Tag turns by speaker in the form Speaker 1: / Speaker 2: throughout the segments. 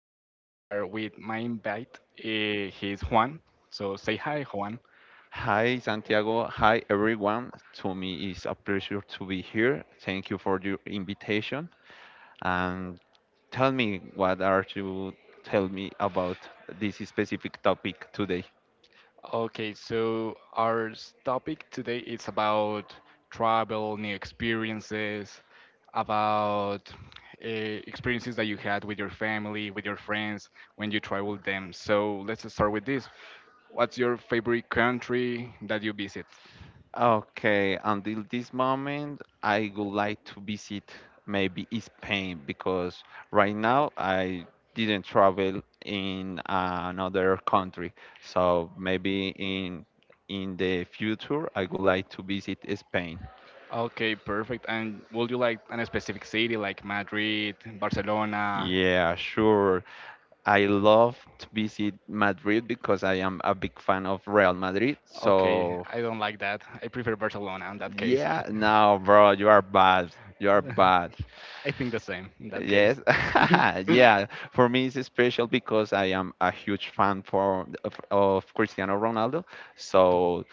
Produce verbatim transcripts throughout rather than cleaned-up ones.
Speaker 1: right now we are with my invite. eh, He's Juan. So say hi, Juan.
Speaker 2: Hi, Santiago. Hi, everyone. To me, it's a pleasure to be here. Thank you for your invitation. And tell me, what are you tell me about this specific topic today?
Speaker 1: Okay, so our s- topic today is about travel, new experiences, about uh, experiences that you had with your family, with your friends when you traveled them. So let's start with this. What's your favorite country that you visit?
Speaker 2: Okay, until this moment, I would like to visit maybe Spain because right now I didn't travel in another country. So maybe in in the future, I would like to visit Spain.
Speaker 1: Okay, perfect. And would you like an specific city like Madrid, Barcelona?
Speaker 2: Yeah, sure. I love to visit Madrid because I am a big fan of Real Madrid.
Speaker 1: Okay,
Speaker 2: So,
Speaker 1: I don't like that. I prefer Barcelona in that case.
Speaker 2: yeah, no, bro, you are bad. You are bad.
Speaker 1: I think the same in that case.
Speaker 2: Yes, yeah. For me, it's special because I am a huge fan for of, of Cristiano Ronaldo. So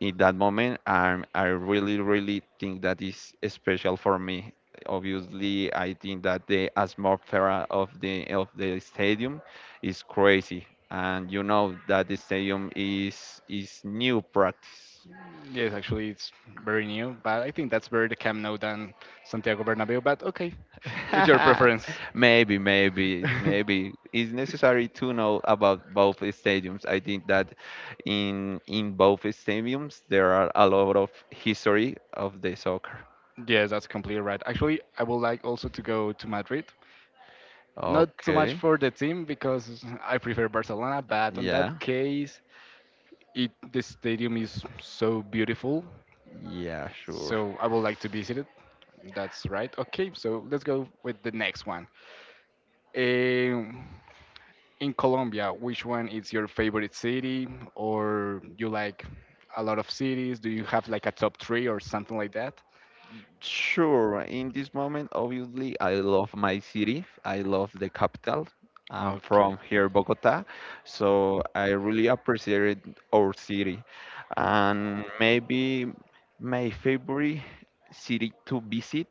Speaker 2: in that moment, I'm I really really think that is special for me. Obviously, I think that the atmosphere of the of the stadium is crazy, and you know that the stadium is is new practice.
Speaker 1: Yes, actually, it's very new, but I think that's better the Camp Nou than Santiago Bernabeu. But okay, it's your preference.
Speaker 2: maybe, maybe, maybe it's necessary to know about both stadiums. I think that in in both stadiums there are a lot of history of the soccer.
Speaker 1: Yes, that's completely right. Actually, I would like also to go to Madrid. Not too much
Speaker 2: Okay.
Speaker 1: for the team because I prefer Barcelona, but on that
Speaker 2: Yeah.
Speaker 1: case, it the stadium is so beautiful.
Speaker 2: Yeah. Sure.
Speaker 1: So I would like to visit it. That's right. Okay, so let's go with the next one. Um, in Colombia, which one is your favorite city, or you like a lot of cities? Do you have like a top three or something like that?
Speaker 2: Sure, in this moment, obviously, I love my city. I love the capital. I'm from
Speaker 1: Okay.
Speaker 2: here, Bogota, so I really appreciate our city. And maybe my favorite city to visit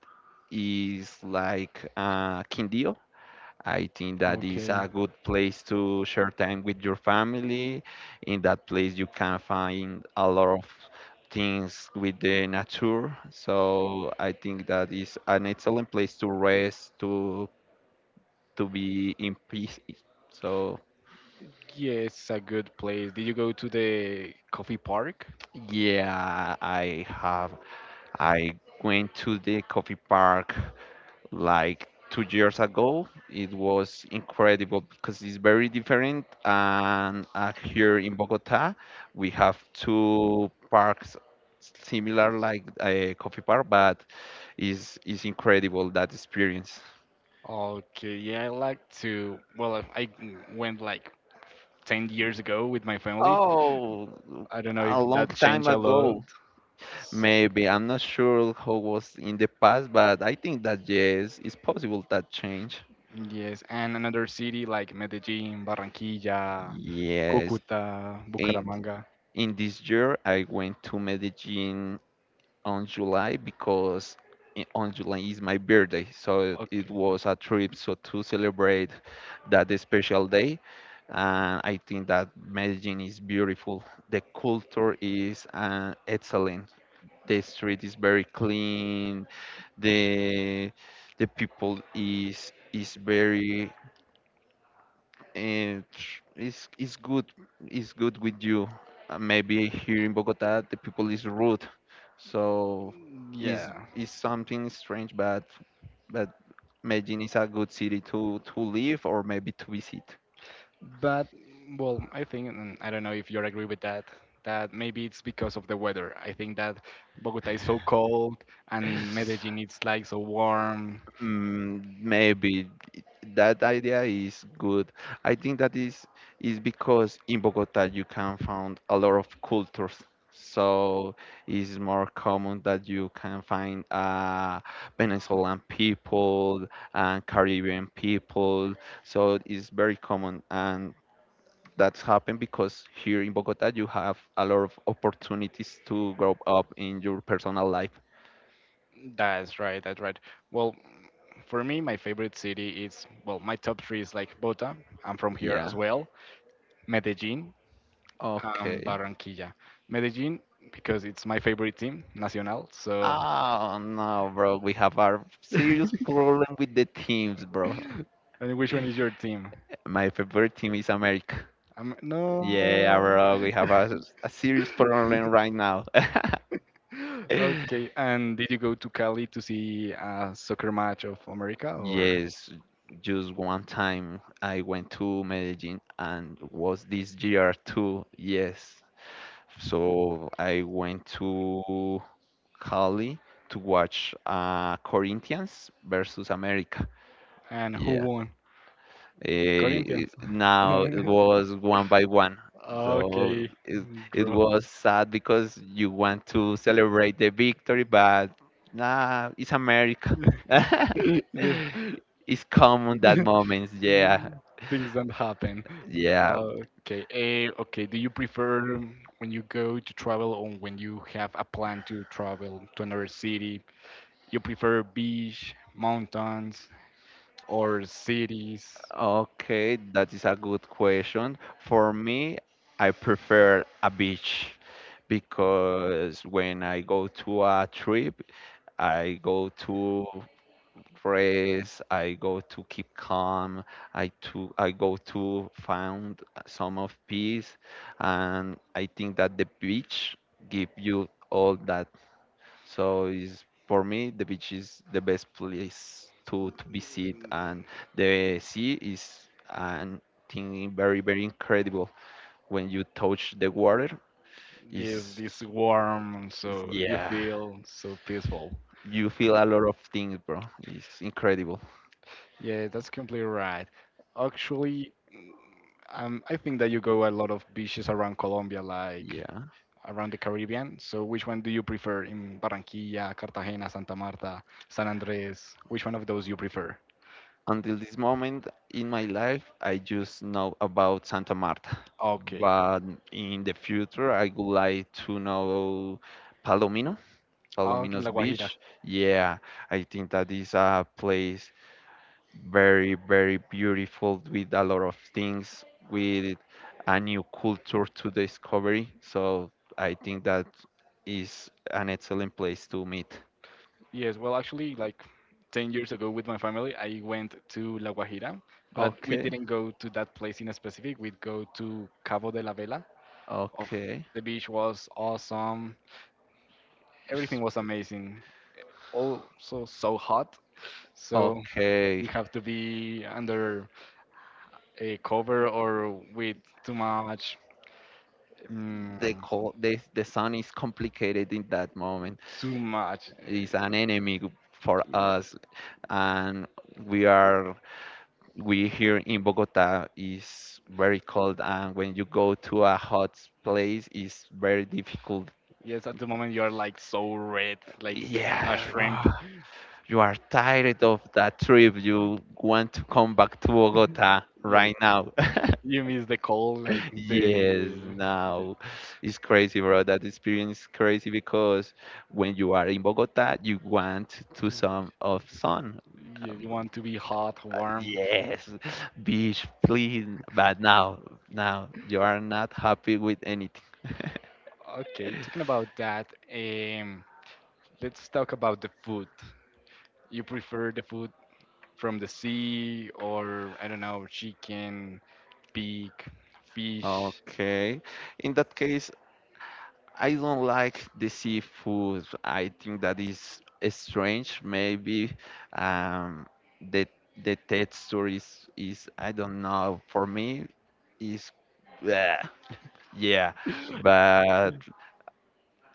Speaker 2: is like uh, Quindío. I think that is
Speaker 1: Okay.
Speaker 2: a good place to share time with your family. In that place, you can find a lot of things with the nature. So I think that is an excellent place to rest, to to be in peace. So
Speaker 1: Yeah, it's a good place. Did you go to the coffee park?
Speaker 2: yeah, I have I went to the coffee park like two years ago. It was incredible because it's very different. And uh, here in Bogota, we have two parks similar like a coffee park, but is is incredible that experience.
Speaker 1: Okay, yeah, I like to. Well, I I went like ten years ago with my family.
Speaker 2: Oh,
Speaker 1: I don't know
Speaker 2: a
Speaker 1: if
Speaker 2: long
Speaker 1: that
Speaker 2: time
Speaker 1: changed a lot.
Speaker 2: ago, maybe. I'm not sure how was in the past, but I think that yes, it's possible that change.
Speaker 1: Yes, and another city like Medellin, Barranquilla,
Speaker 2: Yes,
Speaker 1: Cúcuta,
Speaker 2: and
Speaker 1: Bucaramanga.
Speaker 2: in this year I went to Medellin on July because i- on July is my birthday, so it
Speaker 1: Okay.
Speaker 2: was a trip so to celebrate that special day. And I think that Medellin is beautiful. The culture is uh, excellent. The street is very clean. The the people is is very and it's it's good it's good with you. Uh, Maybe here in Bogota the people is rude, so is
Speaker 1: Yeah.
Speaker 2: is something strange, but but Medellin is a good city to to live or maybe to visit.
Speaker 1: But well, I think and I don't know if you agree with that. That maybe it's because of the weather. I think that Bogota is so cold and Medellin it's like so warm.
Speaker 2: Mm, maybe that idea is good. I think that is is because in Bogota you can find a lot of cultures. So it's more common that you can find uh, Venezuelan people and Caribbean people. So it's very common, and that's happened because here in Bogota you have a lot of opportunities to grow up in your personal life.
Speaker 1: That's right. That's right. Well, for me, my favorite city is well, my top three is like Bogota. I'm from here
Speaker 2: Yeah.
Speaker 1: as well. Medellin and
Speaker 2: Okay.
Speaker 1: Barranquilla. Medellin because it's my favorite team, Nacional. So,
Speaker 2: Oh no, bro, we have our
Speaker 1: and
Speaker 2: serious problem with the teams, bro.
Speaker 1: which one is your team?
Speaker 2: My favorite team is America.
Speaker 1: I no.
Speaker 2: Yeah, bro, we have a, a serious problem right now.
Speaker 1: Okay, and did you go to Cali to see a soccer match of America or
Speaker 2: Yes, just one time I went to Medellin and was this year too. Yes. So I went to Cali to watch uh, Corinthians versus America.
Speaker 1: and who
Speaker 2: Yeah.
Speaker 1: won?
Speaker 2: Eh,
Speaker 1: Corinthians.
Speaker 2: now it was one by one. So
Speaker 1: Okay,
Speaker 2: it, it
Speaker 1: draw.
Speaker 2: was sad because you want to celebrate the victory, but nah, it's America.
Speaker 1: This-
Speaker 2: It's common that moments, yeah,
Speaker 1: Things don't happen.
Speaker 2: yeah.
Speaker 1: Okay, eh, okay. Do you prefer um, when you go to travel or when you have a plan to travel to another city? You prefer beach, mountains, or cities?
Speaker 2: Okay, that is a good question. For me, I prefer a beach because when I go to a trip, I go to phrase. I go to keep calm. I to I go to find some of peace, and I think that the beach give you all that. So is for me the beach is the best place to to visit, and the sea is an thing very very incredible when you touch the water.
Speaker 1: This
Speaker 2: Is
Speaker 1: this warm, so you
Speaker 2: yeah,
Speaker 1: feel so peaceful.
Speaker 2: you feel a lot of things, bro. It's incredible.
Speaker 1: Yeah, that's completely right. Actually, mm, um, I think that you go a lot of beaches around Colombia, like
Speaker 2: Yeah.
Speaker 1: around the Caribbean. So, which one do you prefer in Barranquilla, Cartagena, Santa Marta, San Andres? Which one of those you prefer?
Speaker 2: Until this moment in my life, I just know about Santa Marta.
Speaker 1: Okay.
Speaker 2: But in the future, I would like to know Palomino,
Speaker 1: Oh, in
Speaker 2: Palomino's
Speaker 1: La Guajira.
Speaker 2: beach. Yeah, I think that is a place very, very beautiful with a lot of things, with a new culture to discovery. So I think that is an excellent place to meet.
Speaker 1: Yes, well, actually, like ten years ago with my family, I went to La Guajira, but we
Speaker 2: Okay,
Speaker 1: didn't go to that place in specific. We'd go to Cabo de la Vela, of
Speaker 2: okay.
Speaker 1: the beach was awesome. Everything
Speaker 2: S-
Speaker 1: was amazing. Also so hot. So
Speaker 2: Okay,
Speaker 1: you have to be under a cover or with too much
Speaker 2: the
Speaker 1: mm,
Speaker 2: call the, the sun is complicated in that moment,
Speaker 1: too much
Speaker 2: it's
Speaker 1: uh,
Speaker 2: an enemy for
Speaker 1: y-
Speaker 2: us, and we are we here in Bogota is very cold, and when you go to a hot place it's very difficult.
Speaker 1: yes at the moment you are like so red like a
Speaker 2: Yeah.
Speaker 1: shrimp.
Speaker 2: Ah, you are tired of that trip, you want to come back to Bogota
Speaker 1: Yeah,
Speaker 2: right now.
Speaker 1: you miss the cold like
Speaker 2: Yes,
Speaker 1: the, the
Speaker 2: now it's crazy, bro. That experience is crazy because when you are in Bogota, you want to some of sun.
Speaker 1: you,
Speaker 2: Um,
Speaker 1: you want to be hot warm.
Speaker 2: Yes, beach, please. But now, now you are not happy with anything.
Speaker 1: Okay talking about that, um let's talk about the food. You prefer the food from the sea or I don't know, chicken, pig, fish.
Speaker 2: Okay. In that case, I don't like the seafood. I think that is strange. Maybe um, the the texture is is I don't know. For me, is yeah, yeah, but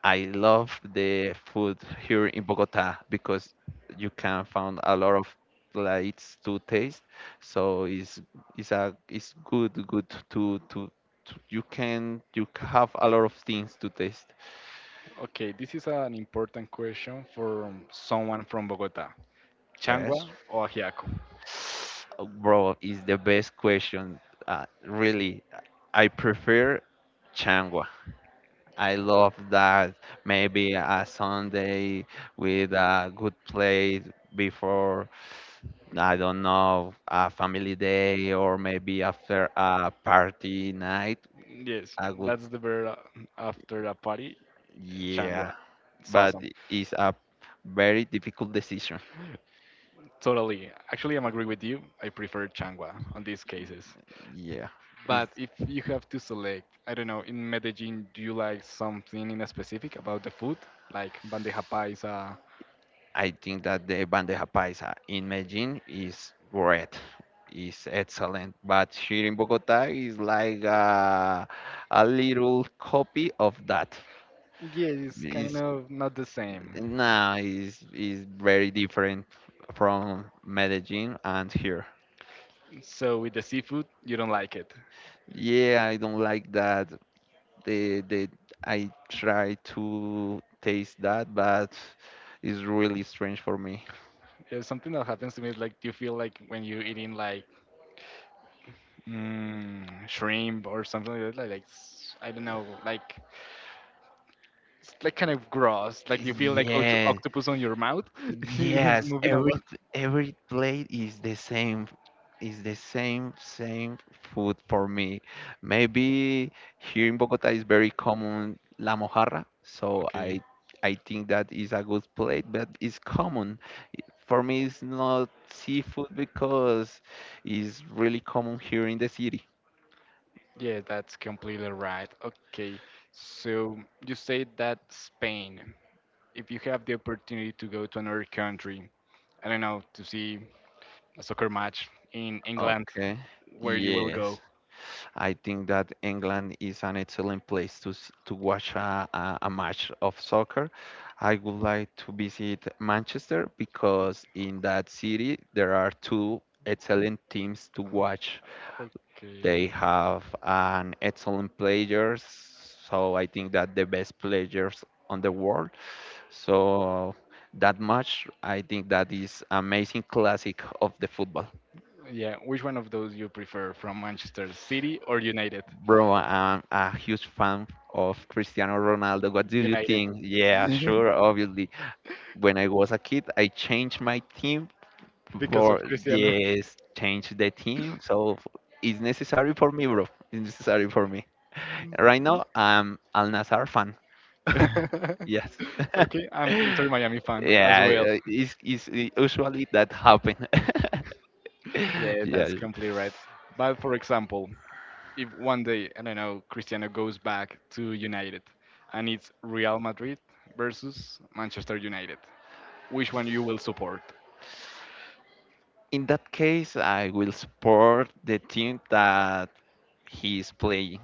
Speaker 2: I love the food here in Bogota because you can find a lot of plates to taste. So it's it's a it's good good to to, to you can you have a lot of things to taste.
Speaker 1: Okay, this is an important question for someone from Bogota.
Speaker 2: Yes.
Speaker 1: Changua or ajiaco?
Speaker 2: Oh, bro, is the best question. Uh, really, I prefer changua. I love that maybe a Sunday with a good play before, I don't know, a family day or maybe after a party night.
Speaker 1: Yes,
Speaker 2: A good,
Speaker 1: that's the beer uh, after a party.
Speaker 2: yeah,
Speaker 1: Changua. It's
Speaker 2: but
Speaker 1: awesome.
Speaker 2: it's a very difficult decision.
Speaker 1: Totally. Actually, I'm agree with you. I prefer changua on these cases.
Speaker 2: Yeah,
Speaker 1: But
Speaker 2: it's,
Speaker 1: if you have to select, I don't know, in Medellin, do you like something in a specific about the food, like bandeja paisa.
Speaker 2: I think that the bandeja paisa in Medellin is great. Is excellent, but here in Bogota is like a, a little copy of that.
Speaker 1: Yeah, it's kind
Speaker 2: It's
Speaker 1: of not the same.
Speaker 2: nah, it's, it's very different from Medellin and here.
Speaker 1: So with the seafood, you don't like it.
Speaker 2: Yeah, I don't like that. They they I try to taste that, but it's really strange for me.
Speaker 1: It's something that happens to me is like you feel like when you're eating like mm, shrimp or something like that, like, like s- I don't know, like it's like kind of gross. Like you feel like oct
Speaker 2: Yeah,
Speaker 1: octopus on your mouth is
Speaker 2: yes,
Speaker 1: moving a
Speaker 2: every
Speaker 1: lot.
Speaker 2: every plate is the same, is the same same food for me. Maybe here in Bogota is very common la mojarra, so
Speaker 1: Okay.
Speaker 2: I I think that is a good plate, but it's common. For me, it's not seafood because it's really common here in the city.
Speaker 1: Yeah, that's completely right. Okay. So you said that Spain. If you have the opportunity to go to another country, I don't know, to see a soccer match in England,
Speaker 2: Okay.
Speaker 1: where you will
Speaker 2: Yes.
Speaker 1: go?
Speaker 2: I think that England is an excellent place to s- to watch a, a, a match of soccer. I would like to visit Manchester because in that city there are two excellent teams to
Speaker 1: Uh,
Speaker 2: watch. They
Speaker 1: Okay.
Speaker 2: have an excellent players, so I think that the best players on the world. So that match, I think that is amazing classic of the football.
Speaker 1: Yeah, which one of those you prefer from Manchester City or United?
Speaker 2: Bro, I'm a huge fan of Cristiano Ronaldo. What do you
Speaker 1: United.
Speaker 2: think? Yeah, sure, obviously. When I was a kid, I changed my team
Speaker 1: Because of
Speaker 2: for,
Speaker 1: Cristiano.
Speaker 2: yes, change the team. So f- it's necessary for me, bro. It's necessary for me. Right now, I'm Al Nassr fan. Yes.
Speaker 1: Okay, I'm Inter Miami fan as
Speaker 2: Yeah,
Speaker 1: well.
Speaker 2: uh, it's, it's usually that happen.
Speaker 1: Yeah,
Speaker 2: Yeah.
Speaker 1: that's completely right. But for example, if one day, I don't know, Cristiano goes back to United and it's Real Madrid versus Manchester United, which one you will support.
Speaker 2: In that case, I will support the team that he's playing.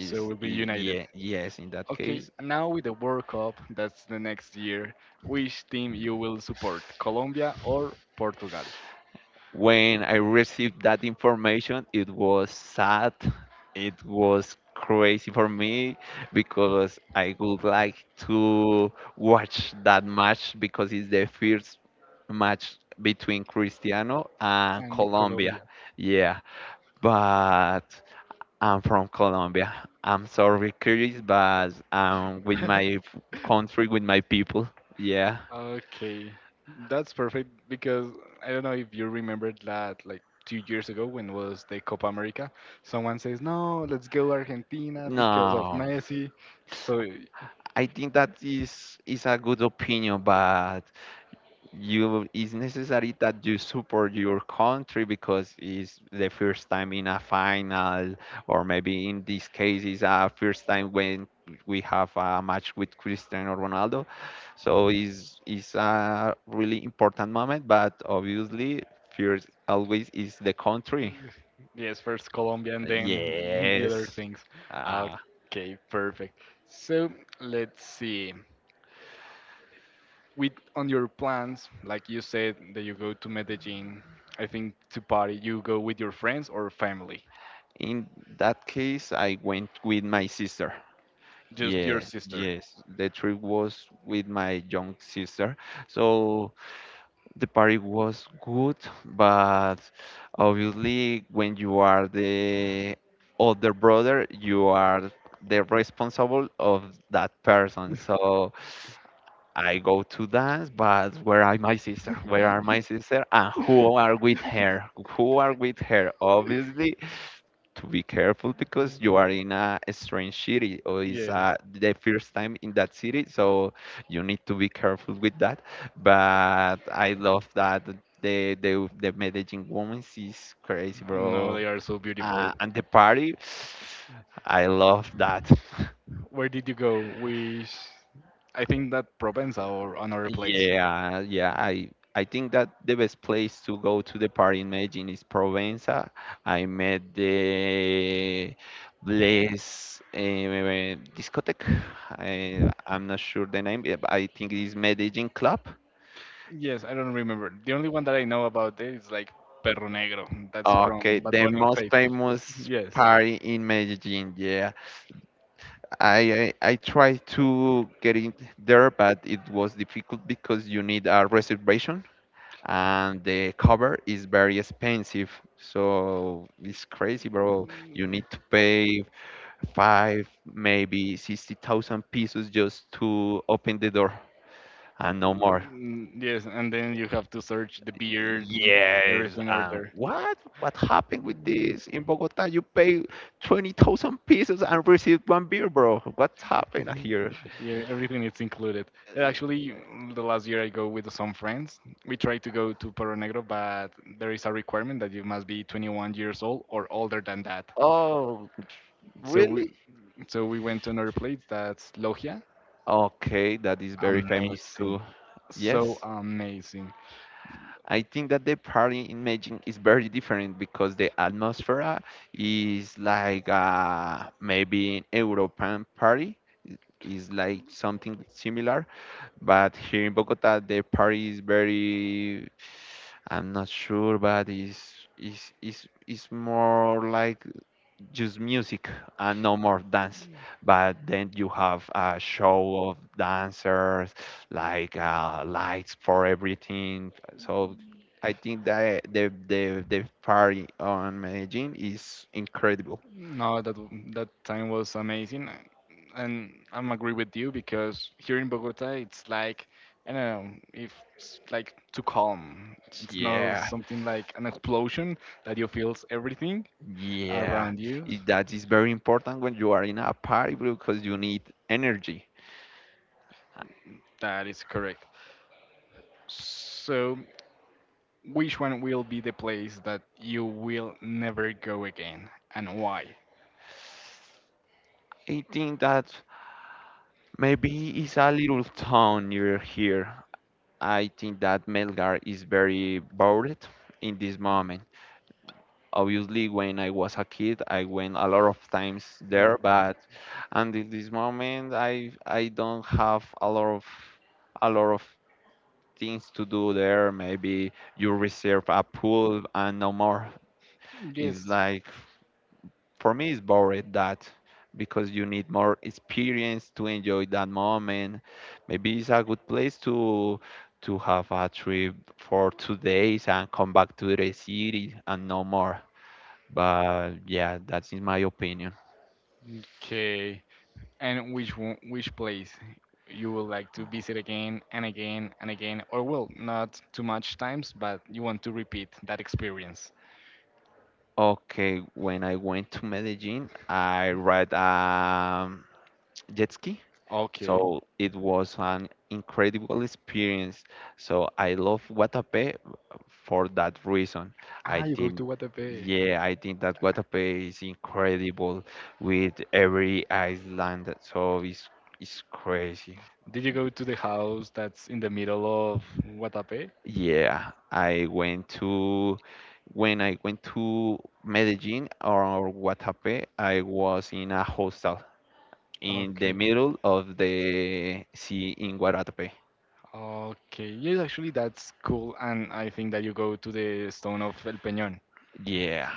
Speaker 1: So we'll be
Speaker 2: y-
Speaker 1: united.
Speaker 2: yeah, yes, in that
Speaker 1: Okay,
Speaker 2: case.
Speaker 1: now with the World Cup, that's the next year. Which team you will support, Colombia or Portugal?
Speaker 2: When I received that information, it was sad. It was crazy for me because I would like to watch that match because it's the first match between Cristiano and Colombia. Yeah, but I'm from Colombia. I'm sorry, Chris, but I'm with my f- country, with my people. Yeah.
Speaker 1: Okay, that's perfect because I don't know if you remembered that like two years ago when was the Copa America, someone says, "No, let's go Argentina because of
Speaker 2: No,
Speaker 1: Messi." So
Speaker 2: I think that is is a good opinion, but you it's necessary that you support your country because it's the first time in a final, or maybe in this case it's a first time when we have a match with Cristiano Ronaldo. So it's it's a really important moment, but obviously first always is the country.
Speaker 1: yes, first Colombia and then the other
Speaker 2: Yes.
Speaker 1: things.
Speaker 2: Uh,
Speaker 1: Okay, perfect. So let's see. With on your plans, like you said that you go to Medellin, I think to party, you go with your friends or family?
Speaker 2: in that case, I went with my sister.
Speaker 1: Just your
Speaker 2: Yes,
Speaker 1: sister.
Speaker 2: yes. The trip was with my young sister. So the party was good, but obviously when you are the older brother, you are the responsible of that person. So I go to dance, but where are my sister? Where are my sister? And who are with her? Who are with her? Obviously, to be careful because you are in a strange city or it's uh,
Speaker 1: Yes.
Speaker 2: the first time in that city, so you need to be careful with that. But I love that the the, the Medellin woman is crazy,
Speaker 1: No,
Speaker 2: bro.
Speaker 1: they are so
Speaker 2: Uh,
Speaker 1: beautiful.
Speaker 2: and the party, I love that.
Speaker 1: Where did you go? Which I think that Provenza or another place.
Speaker 2: Yeah, yeah. I I think that the best place to go to the party in Medellin is Provenza. I met the Blaze eh, discotheque. I I'm not sure the name. Eh, but I think it is Medellin Club.
Speaker 1: Yes, I don't remember. The only one that I know about it is like Perro Negro. That's
Speaker 2: Okay,
Speaker 1: from Bad
Speaker 2: the
Speaker 1: Bunny and
Speaker 2: most
Speaker 1: Faith.
Speaker 2: famous
Speaker 1: Yes.
Speaker 2: party in Medellin. Yeah, I I, I tried to get in there, but it was difficult because you need a reservation. And the cover is very expensive, so it's crazy, bro. You need to pay five, maybe sixty thousand pesos just to open the door and no
Speaker 1: Mm,
Speaker 2: more.
Speaker 1: mm, Yes, and then you have to search the beer,
Speaker 2: Yes,
Speaker 1: everything over
Speaker 2: and
Speaker 1: there.
Speaker 2: what what happened with
Speaker 1: Mm.
Speaker 2: this? In Bogota you pay twenty thousand pesos and receive one beer, bro. What happened here?
Speaker 1: Yeah, everything is included. Yeah,
Speaker 2: Uh,
Speaker 1: Actually, mm, the last year I go with some friends. We try to go to Perro Negro, but there is a requirement that you must be twenty-one years old or older than that.
Speaker 2: oh,
Speaker 1: So we,
Speaker 2: really?
Speaker 1: so we went to another place that's Logia.
Speaker 2: Okay, that is very famous
Speaker 1: Amazing.
Speaker 2: too.
Speaker 1: So
Speaker 2: Yes,
Speaker 1: amazing.
Speaker 2: I think that the party in Medellin is very different because the atmosphere is like uh, maybe an European party, is like something similar, but here in Bogota the party is very, I'm not sure, but is is is is more like just music and no more dance. But then you have a show of dancers, like uh, lights for everything. So I think that the the the party on Medellin is incredible.
Speaker 1: No, that that time was amazing. uh, And I'm agree with you because here in Bogota it's like I don't know, if it's like too calm. It's not
Speaker 2: Yeah,
Speaker 1: something like an explosion that you feels everything
Speaker 2: yeah.
Speaker 1: around you.
Speaker 2: I- That is very important when you are in a party because you need energy.
Speaker 1: That is correct. So, which one will be the place that you will never go again and why?
Speaker 2: I think that maybe it's a little town near here. I think that Melgar is very bored in this moment. Obviously, when I was a kid, I went a lot of times there,
Speaker 1: Mm,
Speaker 2: but until this moment, I I don't have a lot of a lot of things to do there. Maybe you reserve a pool and no more. It's
Speaker 1: yes.
Speaker 2: like, for me it's boring that, because you need more experience to enjoy that moment. Maybe it's a good place to to have a trip for two days and come back to the city and no more, but yeah, that's in my opinion.
Speaker 1: Okay. And which one, which place you would like to visit again and again and again, or well, not too much times, but you want to repeat that experience?
Speaker 2: Okay, when I went to Medellin I read um jet ski.
Speaker 1: Okay.
Speaker 2: So it was an incredible experience. So I love Guatapé for that reason. I
Speaker 1: Ah, you go
Speaker 2: think,
Speaker 1: to Guatapé.
Speaker 2: yeah, I think that Guatapé is incredible with every island. So it's it's crazy.
Speaker 1: Did you go to the house that's in the middle of Guatapé?
Speaker 2: Yeah, I went to, when I went to Medellin or Guatapé, I was in a hostel in the
Speaker 1: Okay.
Speaker 2: middle of the sea in Guatapé.
Speaker 1: Okay. Yes, actually, that's cool, and I think that you go to the stone of El Peñón.
Speaker 2: Yeah,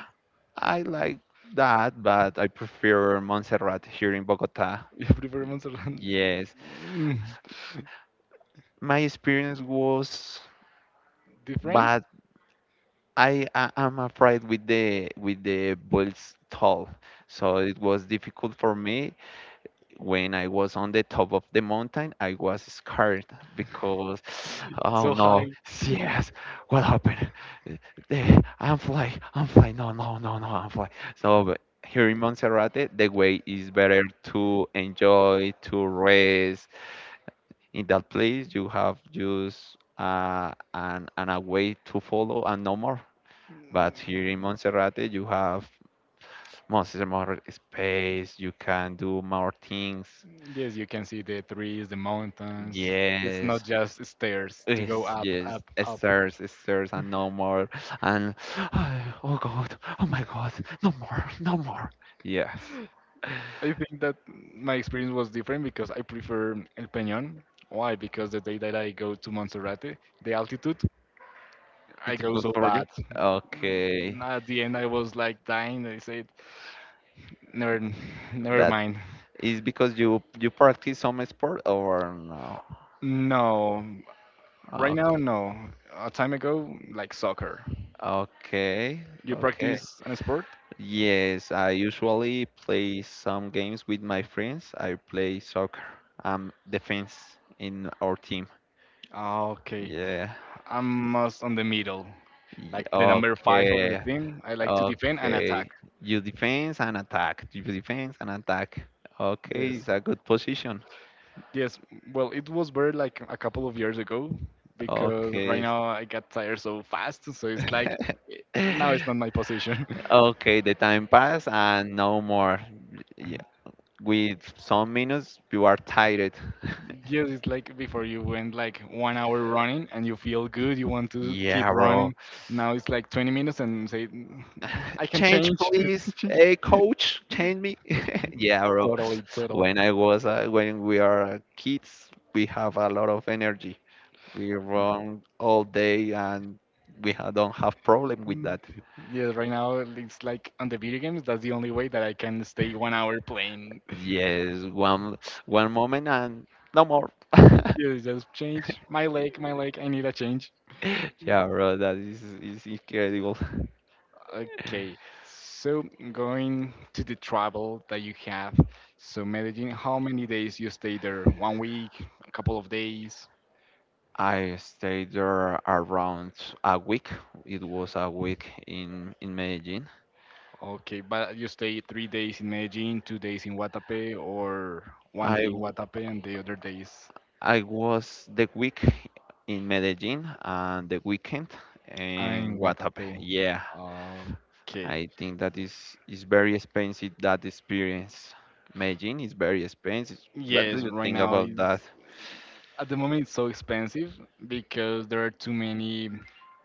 Speaker 2: I like that, but I prefer Montserrat here in Bogota.
Speaker 1: You prefer
Speaker 2: Y-
Speaker 1: Montserrat?
Speaker 2: Yes,
Speaker 1: Mm,
Speaker 2: my experience was
Speaker 1: different?
Speaker 2: bad. I, I am afraid with the with the bulls tall, so it was difficult for me. When I was on the top of the mountain, I was scared because, oh
Speaker 1: So
Speaker 2: no,
Speaker 1: high.
Speaker 2: yes, what happened? Eh, eh, I'm fly, I'm fly, no, no, no, no, I'm fly. So but here in Monserrate, the way is better to enjoy, to rest. In that place, you have just uh, an, an a way to follow and no more. But here in Monserrate, you have much more space. You can do more things.
Speaker 1: Yes, you can see the trees, the mountains. It's not
Speaker 2: Yes.
Speaker 1: just stairs to go
Speaker 2: Yes,
Speaker 1: up,
Speaker 2: yes,
Speaker 1: up,
Speaker 2: it
Speaker 1: up.
Speaker 2: serves, and no more. And oh God, oh my God, no more, no more. Yes,
Speaker 1: I think that my experience was different because I prefer El Peñón. Why? Because the day that I go to Monserrate, the altitude, I
Speaker 2: it's
Speaker 1: go
Speaker 2: good
Speaker 1: so
Speaker 2: for you.
Speaker 1: bad.
Speaker 2: Okay,
Speaker 1: Mm, at the end, I was like dying. I said, never, never
Speaker 2: but
Speaker 1: mind.
Speaker 2: is because you you practice some sport or no?
Speaker 1: No, right
Speaker 2: Okay,
Speaker 1: now, no. A time ago, like soccer.
Speaker 2: okay.
Speaker 1: You
Speaker 2: Okay.
Speaker 1: practice an sport?
Speaker 2: Yes, I usually play some games with my friends. I play soccer. I'm the fence in our team.
Speaker 1: Ah, okay,
Speaker 2: Yeah.
Speaker 1: I'm most on the middle.
Speaker 2: Y-
Speaker 1: Like the number five of the
Speaker 2: Okay,
Speaker 1: team. I like to defend and attack.
Speaker 2: okay. You defense and attack. You defense and attack. Okay,
Speaker 1: Yes,
Speaker 2: it's a good position.
Speaker 1: yes. Well, it was better like a couple of years ago because right
Speaker 2: Okay.
Speaker 1: now I got tired so fast. So it's like eh, now it's not my position.
Speaker 2: Okay, the time pass and no more. Yeah, with some minutes, you are tired.
Speaker 1: Yes, it's like before you went like one hour running and you feel good, you want to keep
Speaker 2: Yeah, bro.
Speaker 1: running. Now it's like twenty minutes and say, "Mm, I can
Speaker 2: Change,
Speaker 1: change."
Speaker 2: please. Hey, coach, change me. Yeah, bro.
Speaker 1: Totally, totally.
Speaker 2: When I was uh, when we are kids, we have a lot of energy. We run all day and we ha- don't have problem with
Speaker 1: Yeah.
Speaker 2: that.
Speaker 1: Yeah, right now it's like on the video games. That's the only way that I can stay one hour playing.
Speaker 2: Yes, one one moment and no more.
Speaker 1: Yeah, just change my leg, my leg. I need a change.
Speaker 2: Yeah, bro, that is, is incredible.
Speaker 1: Okay, so going to the travel that you have. So Medellin, how many days you stay there? One week, a couple of days.
Speaker 2: I stayed there around a week. It was a week in in Medellin.
Speaker 1: Okay, but you stay three days in Medellin, two days in Guatapé, or one
Speaker 2: I
Speaker 1: day in
Speaker 2: w-
Speaker 1: Guatapé and the other days
Speaker 2: I was the week in Medellin and the weekend in
Speaker 1: in
Speaker 2: Guatapé.
Speaker 1: Guatapé.
Speaker 2: Yeah,
Speaker 1: Okay.
Speaker 2: I think that is is very expensive that experience. Medellin is very expensive. What do
Speaker 1: Yes,
Speaker 2: you
Speaker 1: right
Speaker 2: think
Speaker 1: now
Speaker 2: about
Speaker 1: it's
Speaker 2: that?
Speaker 1: at the moment, it's so expensive because there are too many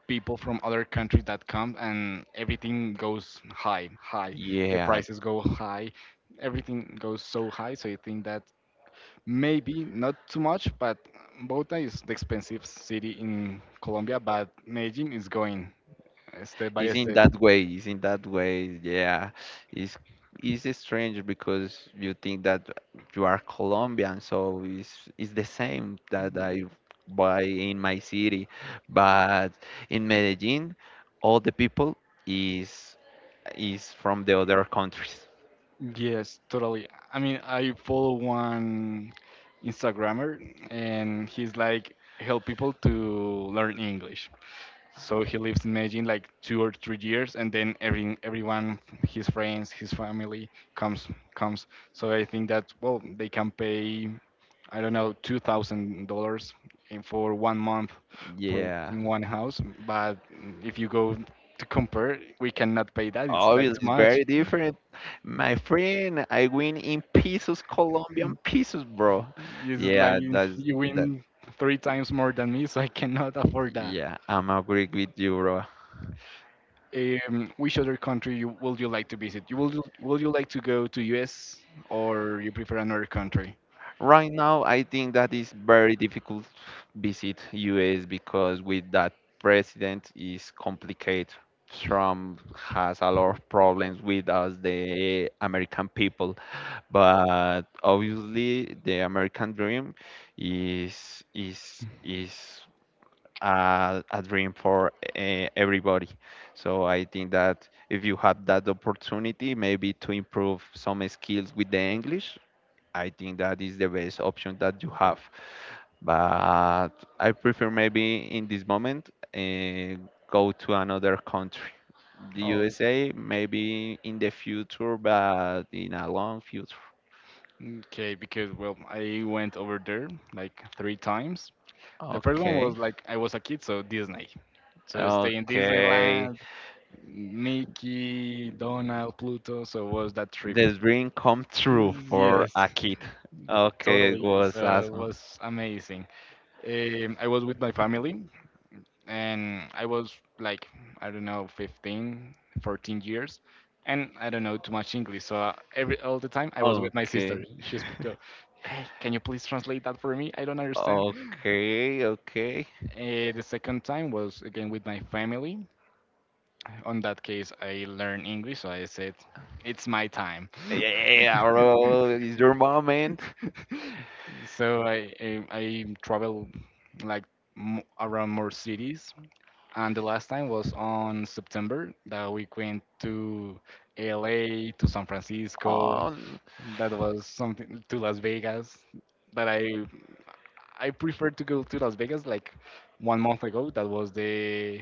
Speaker 1: people from other countries that come and everything goes high, high. The
Speaker 2: Yeah,
Speaker 1: prices go high. Everything goes so high. So I think that maybe not too much, but Bogota is the expensive city in Colombia, but Medellin is going uh, step by
Speaker 2: it's in
Speaker 1: step.
Speaker 2: that way. It's in that way. Yeah, it's it's strange because you think that you are Colombian, so it's it's the same that I buy in my city, but in Medellin, all the people is is from the other countries.
Speaker 1: Yes, totally. I mean, I follow one Instagrammer and he's like help people to learn English. So he lives in Medellin like two or three years, and then every everyone, his friends, his family comes comes. So I think that well, they can pay, I don't know, two thousand dollars in for one month for
Speaker 2: Yeah.
Speaker 1: in one house. But if you go to compare, we cannot pay that. It's like
Speaker 2: Obviously,
Speaker 1: too
Speaker 2: it's
Speaker 1: much.
Speaker 2: very different. My friend, I win in pesos, Colombian pesos, bro.
Speaker 1: It's like
Speaker 2: Yeah,
Speaker 1: you
Speaker 2: that's
Speaker 1: you
Speaker 2: that.
Speaker 1: win three times more than me, so I cannot afford that.
Speaker 2: Yeah, I'm agree with you, bro.
Speaker 1: Um, which other country you, would you like to visit? You will would you like to go to U S or you prefer another country?
Speaker 2: Right now, I think that is very difficult visit U S because with that president is complicated. Trump has a lot of problems with us, the American people. But obviously, the American dream is is is a, a dream for uh, everybody. So I think that if you have that opportunity, maybe to improve some skills with the English, I think that is the best option that you have. But I prefer maybe in this moment uh, go to another country. The
Speaker 1: Oh,
Speaker 2: U S A, maybe in the future, but in a long future.
Speaker 1: okay. Because well, I went over there like three times. The first one
Speaker 2: Okay.
Speaker 1: was like I was a kid, so Disney. So stay in
Speaker 2: Okay.
Speaker 1: Disneyland, Mickey, Donald, Pluto. So was that trip?
Speaker 2: The dream come true for
Speaker 1: Yes,
Speaker 2: a kid. Okay, it
Speaker 1: totally.
Speaker 2: was
Speaker 1: So it
Speaker 2: awesome.
Speaker 1: was amazing. Um, I was with my family, and I was like, I don't know, fifteen, fourteen years, and I don't know too much English. So uh, every all the time I was with my sister.
Speaker 2: Okay,
Speaker 1: She's go, hey, can you please translate that for me? I don't understand.
Speaker 2: okay, okay.
Speaker 1: Uh, the second time was again with my family. On that case, I learned English, so I said, it's my time.
Speaker 2: Yeah, yeah, yeah, bro, it's your moment.
Speaker 1: So I I, I travel like m- around more cities. And the last time was on September that we went to L A, to San Francisco.
Speaker 2: Oh,
Speaker 1: That was something to Las Vegas. That I I preferred to go to Las Vegas like one month ago. That was the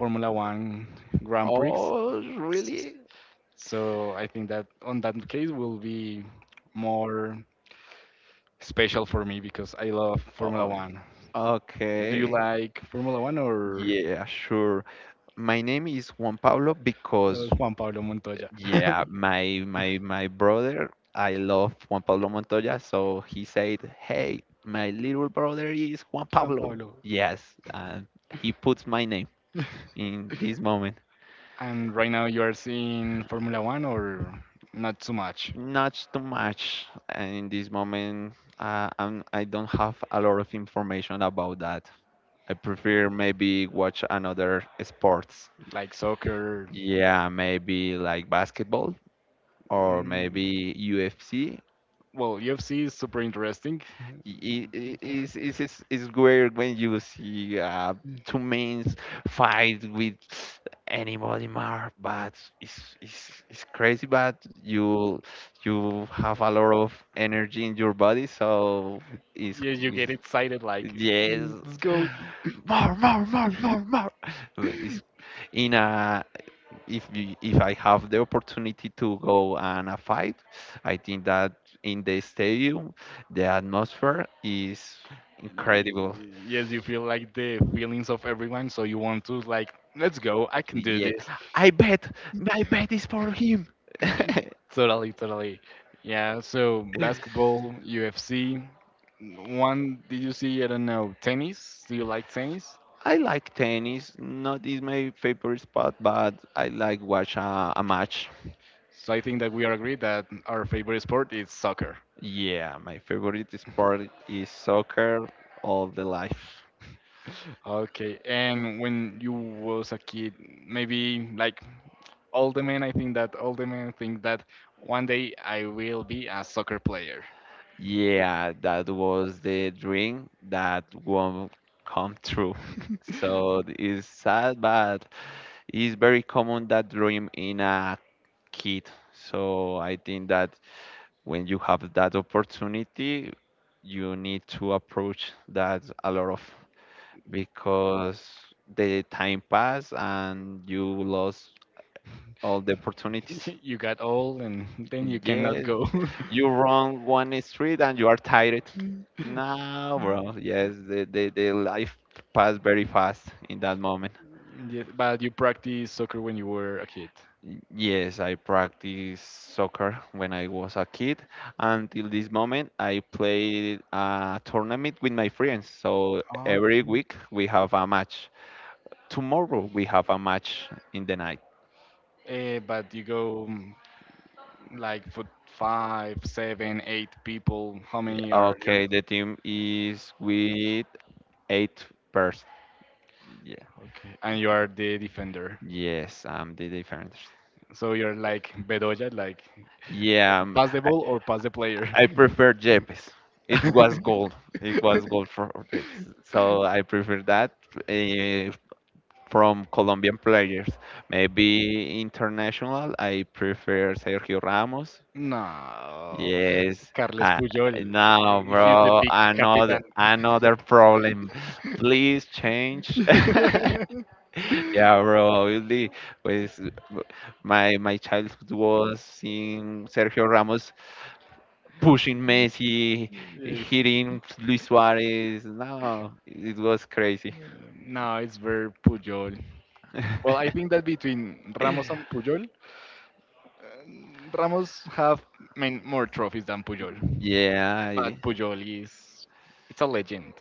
Speaker 1: Formula One Grand Prix.
Speaker 2: oh, really?
Speaker 1: So I think that on that case will be more special for me because I love Formula
Speaker 2: Oh,
Speaker 1: One. Do you
Speaker 2: okay.
Speaker 1: like Formula One or
Speaker 2: Yeah, sure. My name is Juan Pablo
Speaker 1: uh,
Speaker 2: because,
Speaker 1: Juan Pablo Montoya?
Speaker 2: yeah, my my my brother, I love Juan Pablo Montoya, so he said, "Hey, my little brother is Juan
Speaker 1: Juan
Speaker 2: Pablo."
Speaker 1: Pablo.
Speaker 2: Yes, and he puts my name in this moment.
Speaker 1: And right now you are seeing Formula One or not too much,
Speaker 2: Not too much in this moment. Uh, I'm, I don't have a lot of information about that. I prefer maybe watch another sports.
Speaker 1: like soccer.
Speaker 2: Yeah, maybe like basketball or
Speaker 1: Mm,
Speaker 2: maybe U F C.
Speaker 1: well, U F C is super interesting.
Speaker 2: I- i- is is is is where when you see uh two men fight with anybody more, but it's it's it's crazy but you you have a lot of energy in your body, so it's,
Speaker 1: Yeah, you get
Speaker 2: it's
Speaker 1: excited, like
Speaker 2: yes,
Speaker 1: let's go.
Speaker 2: more, more, more, more, more. But it's in a, if you, if I have the opportunity to go and a fight, I think that in the stadium the atmosphere is incredible.
Speaker 1: Yes, you feel like the feelings of everyone, so you want to like let's go. I can do
Speaker 2: Yeah,
Speaker 1: this.
Speaker 2: I bet, my bet is for him.
Speaker 1: Totally, totally. Yeah. So basketball, U F C. One, did you see? I don't know. Tennis. Do you like tennis?
Speaker 2: I like tennis. Not is my favorite sport, but I like watch a, a match.
Speaker 1: So I think that we are agreed that our favorite sport is soccer.
Speaker 2: Yeah, my favorite sport is soccer all the life.
Speaker 1: Okay, and when you was a kid, maybe like all the men, I think that all the men think that one day I will be a soccer player.
Speaker 2: Yeah, that was the dream that won't come true. So it's sad, but it's very common that dream in a kid. So I think that when you have that opportunity, you need to approach that a lot of because the time passed and you lost all the opportunities.
Speaker 1: You got old and then you cannot
Speaker 2: Yes,
Speaker 1: go.
Speaker 2: you run one street and you are tired.
Speaker 1: Mm.
Speaker 2: No, bro. Yes, the, the, the life passed very fast in that moment.
Speaker 1: Yes, but you practice soccer when you were a kid.
Speaker 2: Yes, I practiced soccer when I was a kid. Until this moment, I played a tournament with my friends. So every
Speaker 1: Okay.
Speaker 2: week we have a match. Tomorrow we have a match in the night.
Speaker 1: Eh, but you go mm, like for five, seven, eight people. How many
Speaker 2: Yeah,
Speaker 1: are your?
Speaker 2: okay, the team is with eight person. Yeah.
Speaker 1: Okay, and you are the defender.
Speaker 2: Yes, I'm the defender.
Speaker 1: So you're like Bedoya, like
Speaker 2: Yeah, um,
Speaker 1: pass the ball or pass the player.
Speaker 2: I prefer Yepes. It was gold. It was gold for Yepes. So I prefer that, uh, from Colombian players. Maybe international, I prefer Sergio Ramos.
Speaker 1: No,
Speaker 2: Yes.
Speaker 1: Carles
Speaker 2: Uh,
Speaker 1: Puyol,
Speaker 2: no,
Speaker 1: he's the
Speaker 2: bro.
Speaker 1: big captain.
Speaker 2: Another another problem. Please change. Yeah, bro. Obviously, pues my my childhood was seeing Sergio Ramos pushing Messi,
Speaker 1: Yes.
Speaker 2: hitting Luis Suarez. No, it was crazy.
Speaker 1: Um, No, it's very Puyol. Well, I think that between Ramos and Puyol, um, Ramos have I mean, more trophies than Puyol.
Speaker 2: yeah,
Speaker 1: But
Speaker 2: I-
Speaker 1: Puyol is it's a legend.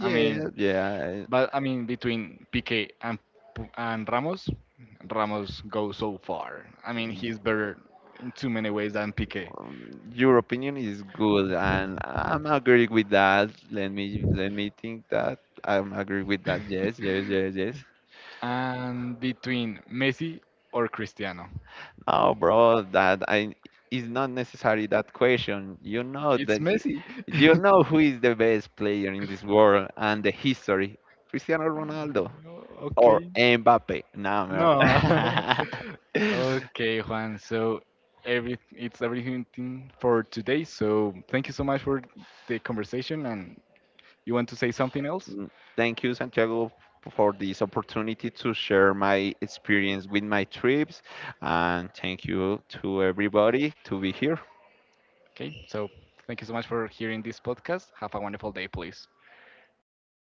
Speaker 1: I mean,
Speaker 2: yeah.
Speaker 1: but I mean, between Piqué and Pu- and Ramos, Ramos goes so far. I mean,
Speaker 2: y-
Speaker 1: he's better in too many ways than Piqué.
Speaker 2: um, Your opinion is good, and I'm agree with that. Let me let me think that I'm agree with that. Yes, yes, yes, yes.
Speaker 1: And between Messi or Cristiano,
Speaker 2: No, bro, that I is not necessary that question. You know
Speaker 1: it's
Speaker 2: that he,
Speaker 1: Messi.
Speaker 2: you know who is the best player in this world and the history. Cristiano Ronaldo. Or
Speaker 1: Okay,
Speaker 2: Mbappe. No, mer-
Speaker 1: no. Okay, Juan. So every it's everything for today. So thank you so much for the conversation. And you want to say something else?
Speaker 2: Thank you, Santiago, for this opportunity to share my experience with my trips, and thank you to everybody to be here.
Speaker 1: Okay. So thank you so much for hearing this podcast. Have a wonderful day, please.